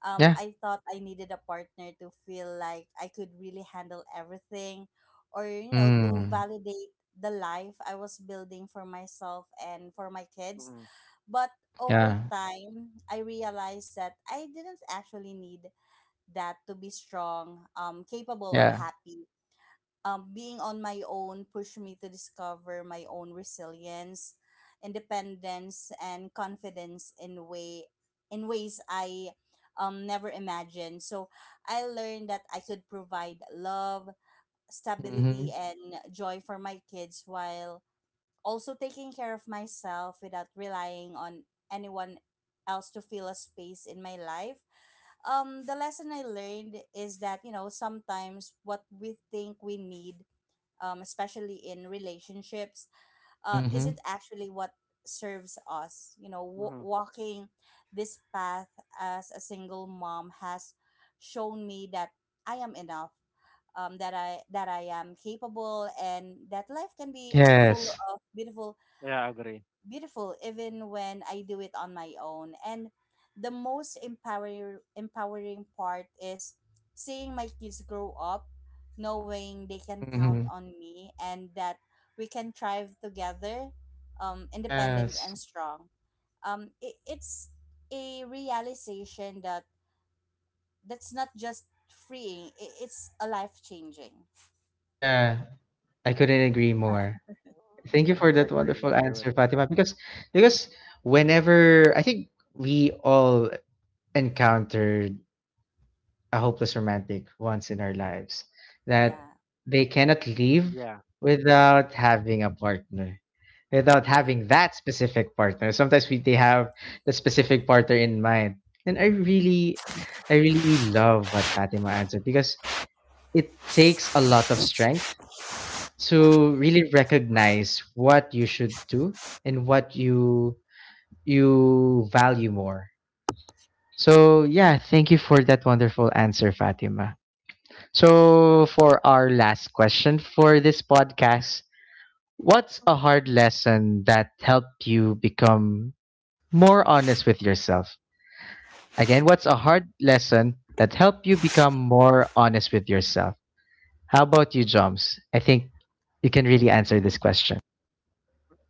A: Yeah.
C: I thought I needed a partner to feel like I could really handle everything, or, you know, to
A: Mm,
C: validate the life I was building for myself and for my kids.
B: Mm-hmm.
C: But over
A: yeah.
C: time, I realized that I didn't actually need that to be strong, capable, or
A: Yeah.
C: happy. Being on my own pushed me to discover my own resilience, independence, and confidence in ways I never imagined. So I learned that I could provide love,
A: Mm-hmm.
C: stability, and joy for my kids while also taking care of myself without relying on anyone else to fill a space in my life. The lesson I learned is that, you know, sometimes what we think we need, especially in relationships,
A: Mm-hmm.
C: isn't actually what serves us. You know,
B: Hmm.
C: walking this path as a single mom has shown me that I am enough, that I am capable, and that life can be full
A: Yes.
C: of beautiful
B: Yeah, I agree.
C: beautiful even when I do it on my own. And the most empowering part is seeing my kids grow up, knowing they can count
A: Mm-hmm.
C: on me, and that we can thrive together, independent
A: Yes.
C: and strong. It's a realization that that's not just freeing, it's a life changing.
A: Yeah. I couldn't agree more. Thank you
B: I
A: for that
B: agree. I
A: wonderful
B: agree with
A: answer, Fatima. Because whenever I think, we all encountered a hopeless romantic once in our lives, that
C: Yeah,
A: they cannot
B: that.
A: leave
B: Yeah.
A: without having a partner, without
C: yeah,
A: having that specific partner. Sometimes we, they have the specific partner in mind, and I really love what Fatima answered because it takes a lot of strength
C: yeah.
A: to really recognize what you should do and what you value more. So yeah, thank you for that wonderful answer, Fatima. So for our last question for this podcast, what's a hard lesson that helped you become more honest with yourself? Again, what's a hard lesson that helped you become more honest with yourself? How about you, Joms? I think you can really answer
B: Hmm.
A: this question.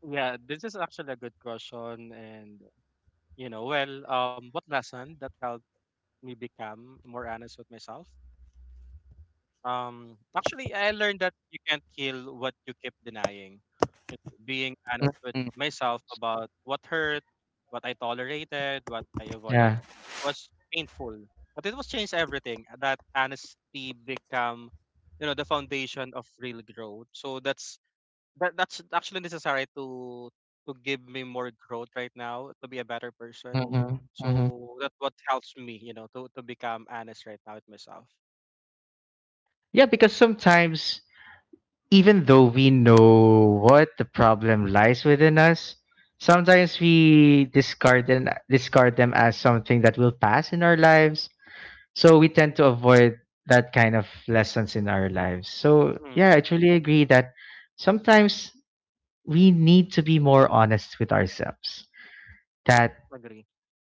B: Yeah, this is actually a good question. And, you know, well, what lesson that helped me become more honest with myself? Actually, I learned that you can't heal what you keep denying. You know, being
A: Mm,
B: honest with
A: mm.
B: myself about what hurt, what I tolerated, what I avoided
A: Yeah.
B: was painful, but it was changed everything. That honesty become, the foundation of real growth. So that's that's actually necessary to give me more growth right now to be a better person.
A: Mhm, mhm.
B: So that's what helps me, to become honest right now with myself.
A: Yeah, because sometimes, even though we know what the problem lies within us, sometimes we discard them as something that will pass in our lives. So we tend to avoid that kind of lessons in our lives.
B: Mm,
A: So yeah, I truly agree that sometimes we need to be more honest with ourselves. That
B: agree.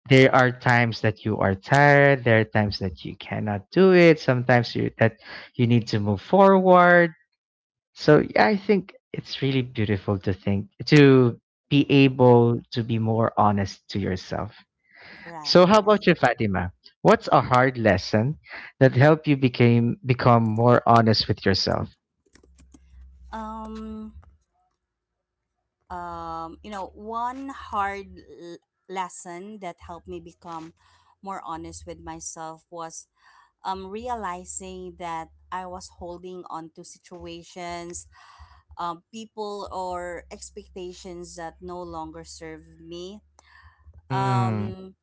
A: there are times that you are tired, there are times that you cannot do it, sometimes you that you need to move forward. So yeah, I think it's really beautiful to think to be able to be more honest to yourself.
C: Right,
A: So how about
C: right.
B: Agree.
A: you, Fatima? What's a hard lesson that helped you became become more honest with yourself?
C: Um, you know, one hard lesson that helped me become more honest with myself was realizing that I was holding on to situations, people, or expectations that no longer serve me.
A: Mm,
C: Um,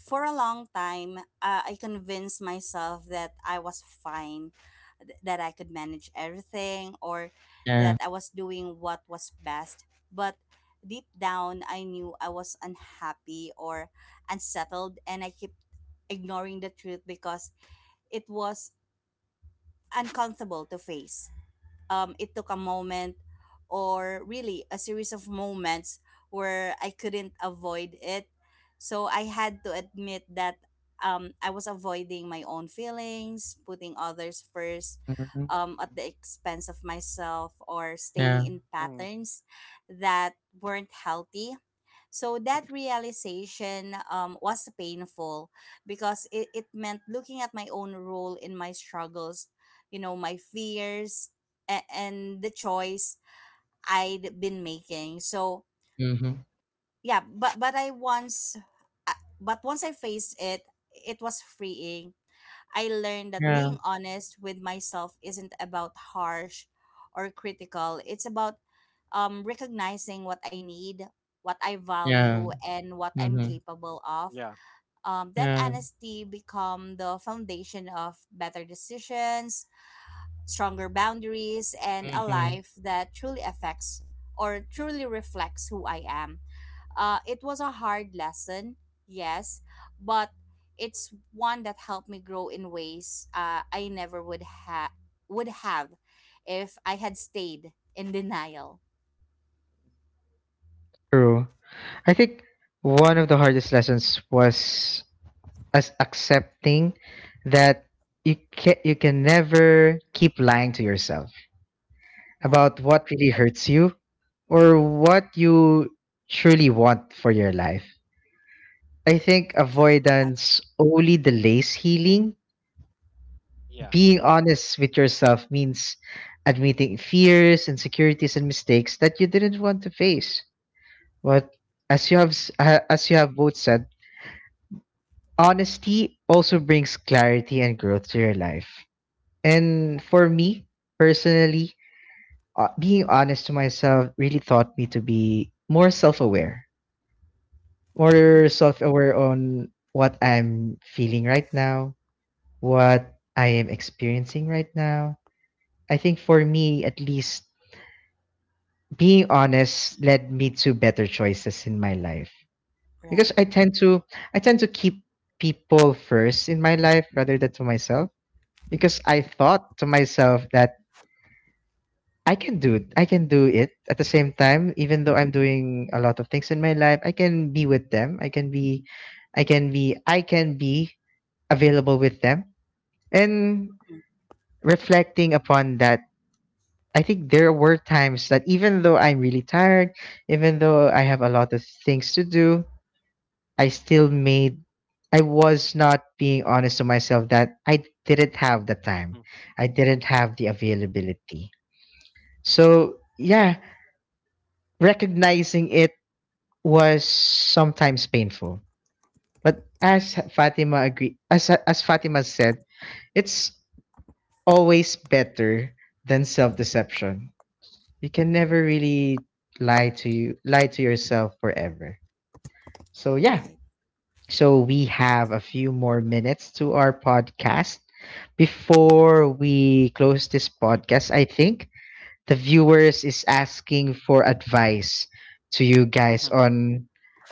C: for a long time, I convinced myself that I was fine, that I could manage everything, or
A: yeah.
C: that I was doing what was best. But deep down, I knew I was unhappy or unsettled, and I kept ignoring the truth because it was uncomfortable to face. It took a moment, or really a series of moments, where I couldn't avoid it. So I had to admit that I was avoiding my own feelings, putting others first
A: Mm-hmm.
C: at the expense of myself, or staying
A: Yeah.
C: in
B: Mm,
C: patterns that weren't healthy. So that realization was painful because it meant looking at my own role in my struggles, you know, my fears, and the choice I'd been making. So
A: Mm-hmm.
C: yeah, but once I faced it, it was freeing. I learned that
A: Yeah.
C: being honest with myself isn't about harsh or critical. It's about recognizing what I need, what I value,
A: Yeah.
C: and what I'm
A: Mm-hmm.
C: capable of.
B: yeah.
C: That
A: Yeah.
C: honesty become the foundation of better decisions, stronger boundaries, and a
A: Mm-hmm.
C: life that truly affects or truly reflects who I am. It was a hard lesson, yes, but it's one that helped me grow in ways I never would have if I had stayed in denial.
A: True. I think one of the hardest lessons was us accepting that you can never keep lying to yourself
C: Right.
A: about what really hurts you or what you truly want for your life. I think
C: Yes. Ag-
A: avoidance only delays healing.
B: Yeah.
A: Being honest with yourself means admitting fears, insecurities, and mistakes that you didn't want to face. But as you have as you have both said, honesty also brings clarity and growth to your life. And for me, personally, being honest to myself really taught me to be more
C: mhm.
A: self aware on what I'm feeling right now, what I am experiencing right now. I think for me, at least, being honest led me to better choices in my life because
C: Right.
A: I
B: Mm-hmm.
A: tend to, I tend to keep people first in my life rather than to myself, because I thought to myself that I can do it. I can do it at the same time, even though I'm doing a lot of things in my life, I can be with them. I can be available with them. And reflecting upon that, I think there were times that even though I'm really tired, even though I have a lot of things to do, I still made, I was not being honest to myself that I didn't have the time. I didn't have the
C: Mhm.
A: availability. So, yeah, recognizing it was sometimes painful. But as Fatima agreed, as Fatima said, it's always better than self-deception. You can never really lie to yourself forever. So, yeah.
C: Right.
A: So, we
C: That's
A: have a
C: right.
A: few more minutes to our podcast. Before we close this
B: Mm-hmm.
A: podcast, I think the viewers is asking for advice to you guys
B: Hmm.
A: on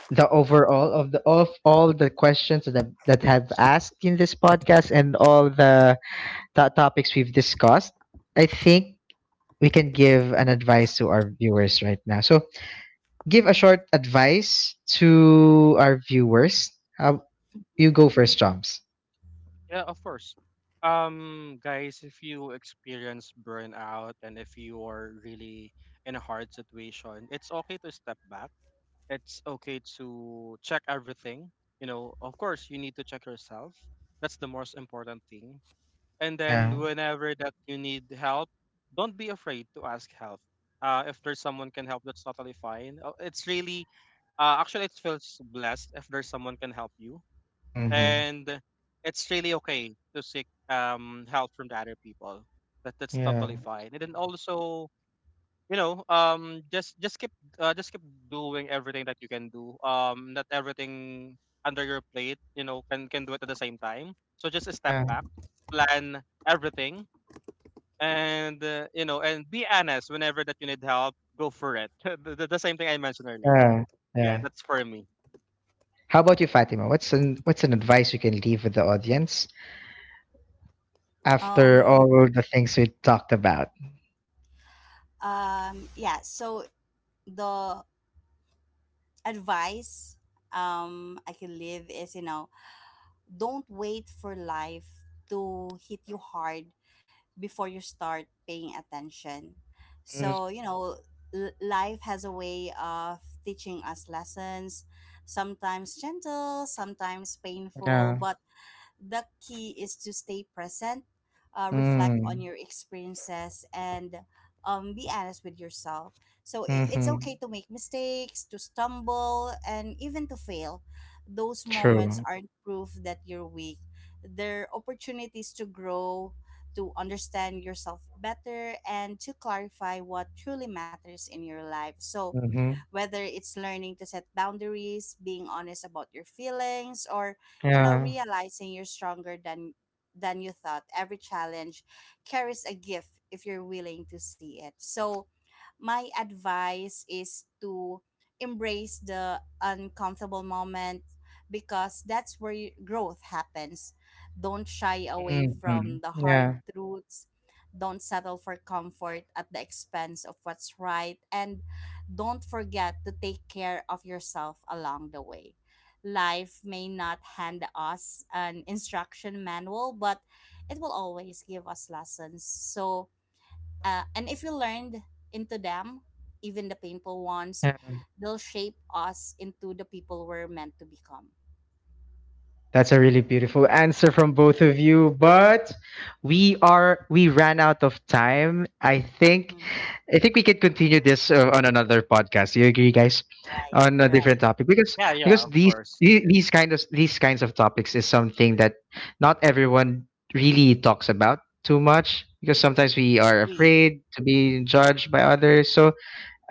A: the overall of the of all the questions that that have asked in this podcast and all the topics we've discussed, I think we can give an advice to our viewers right now. So, give a short advice to our viewers. How, you go first, Chomps.
B: Yeah, of course. Guys, if you experience burnout and if you are really in a hard situation, it's okay to step back, it's okay to check everything. You know, of course, you need to check yourself. That's the most important thing. And then,
A: Yeah.
B: whenever that you need help, don't be afraid to ask help. If there's someone can help, that's totally fine. Actually, it feels blessed if there's someone can help you,
A: Mm-hmm.
B: and it's really okay to seek help from the other people. That's
A: Yeah.
B: totally
C: Right.
B: fine. And then also, you know just keep doing everything that you can do, not everything under your plate, can do it at the same time, so just step
A: Yeah.
B: back, plan everything, and and be honest whenever that you need help, go for it. (laughs) The same thing I mentioned earlier,
A: Yeah.
B: yeah,
A: Yeah.
B: that's for me.
A: How about you, Fatima? What's an advice you can leave with the audience after
C: Um.
A: all the things we talked about?
C: Yeah. So the advice I can live is, you know, don't wait for life to hit you hard before you start paying attention.
A: Mm,
C: So, you know, life has a way of teaching us lessons, sometimes gentle, sometimes painful,
A: yeah.
C: but the key is to stay present, reflect on
A: Mm.
C: your experiences, and be honest with yourself. So it's okay
A: Mhm.
C: to make mistakes, to stumble, and even to fail. Those moments
A: True.
C: aren't proof that you're weak. They're opportunities to grow, to understand yourself better, and to clarify what truly matters in your life. So
A: Mhm.
C: whether it's learning to set boundaries, being honest about your feelings, or, you know,
A: Yeah.
C: realizing you're stronger than you thought. Every challenge carries a gift if you're willing to see it. So, my advice is to embrace the uncomfortable moment because that's where growth happens. Don't shy away from
A: Mhm.
C: the hard
A: Yeah.
C: truths. Don't settle for comfort at the expense of what's right. And don't forget to take care of yourself along the way. Life may not hand us an instruction manual, but it will always give us lessons. So, and if we learned into them, even the painful ones, they'll shape us into the people we're meant to become.
A: That's a really beautiful answer from both of you, but we ran out of time.
C: Hmm.
A: I think we can
B: Mhm.
A: continue this on another podcast. You agree, guys,
C: Right,
A: on a
C: right.
A: different topic? Because
B: Yeah, yeah, of
A: these,
B: course.
A: these these kinds of topics is something that not everyone really talks about too much because sometimes we are
C: Agree.
A: afraid to be judged by others. So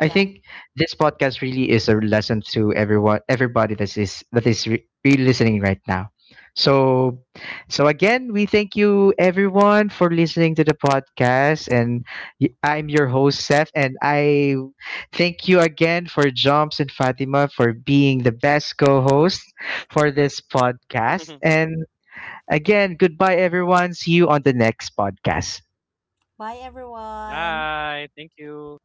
A: I think this podcast really is a lesson to everyone, everybody that is re-listening right now. So, so again, we thank you everyone for listening to the podcast, and I'm your host Seth, and I thank you again for Jumps and Fatima for being the best co-host for this podcast.
B: (laughs)
A: And again, goodbye everyone. See you on the next podcast.
C: Bye, everyone.
B: Bye, thank you.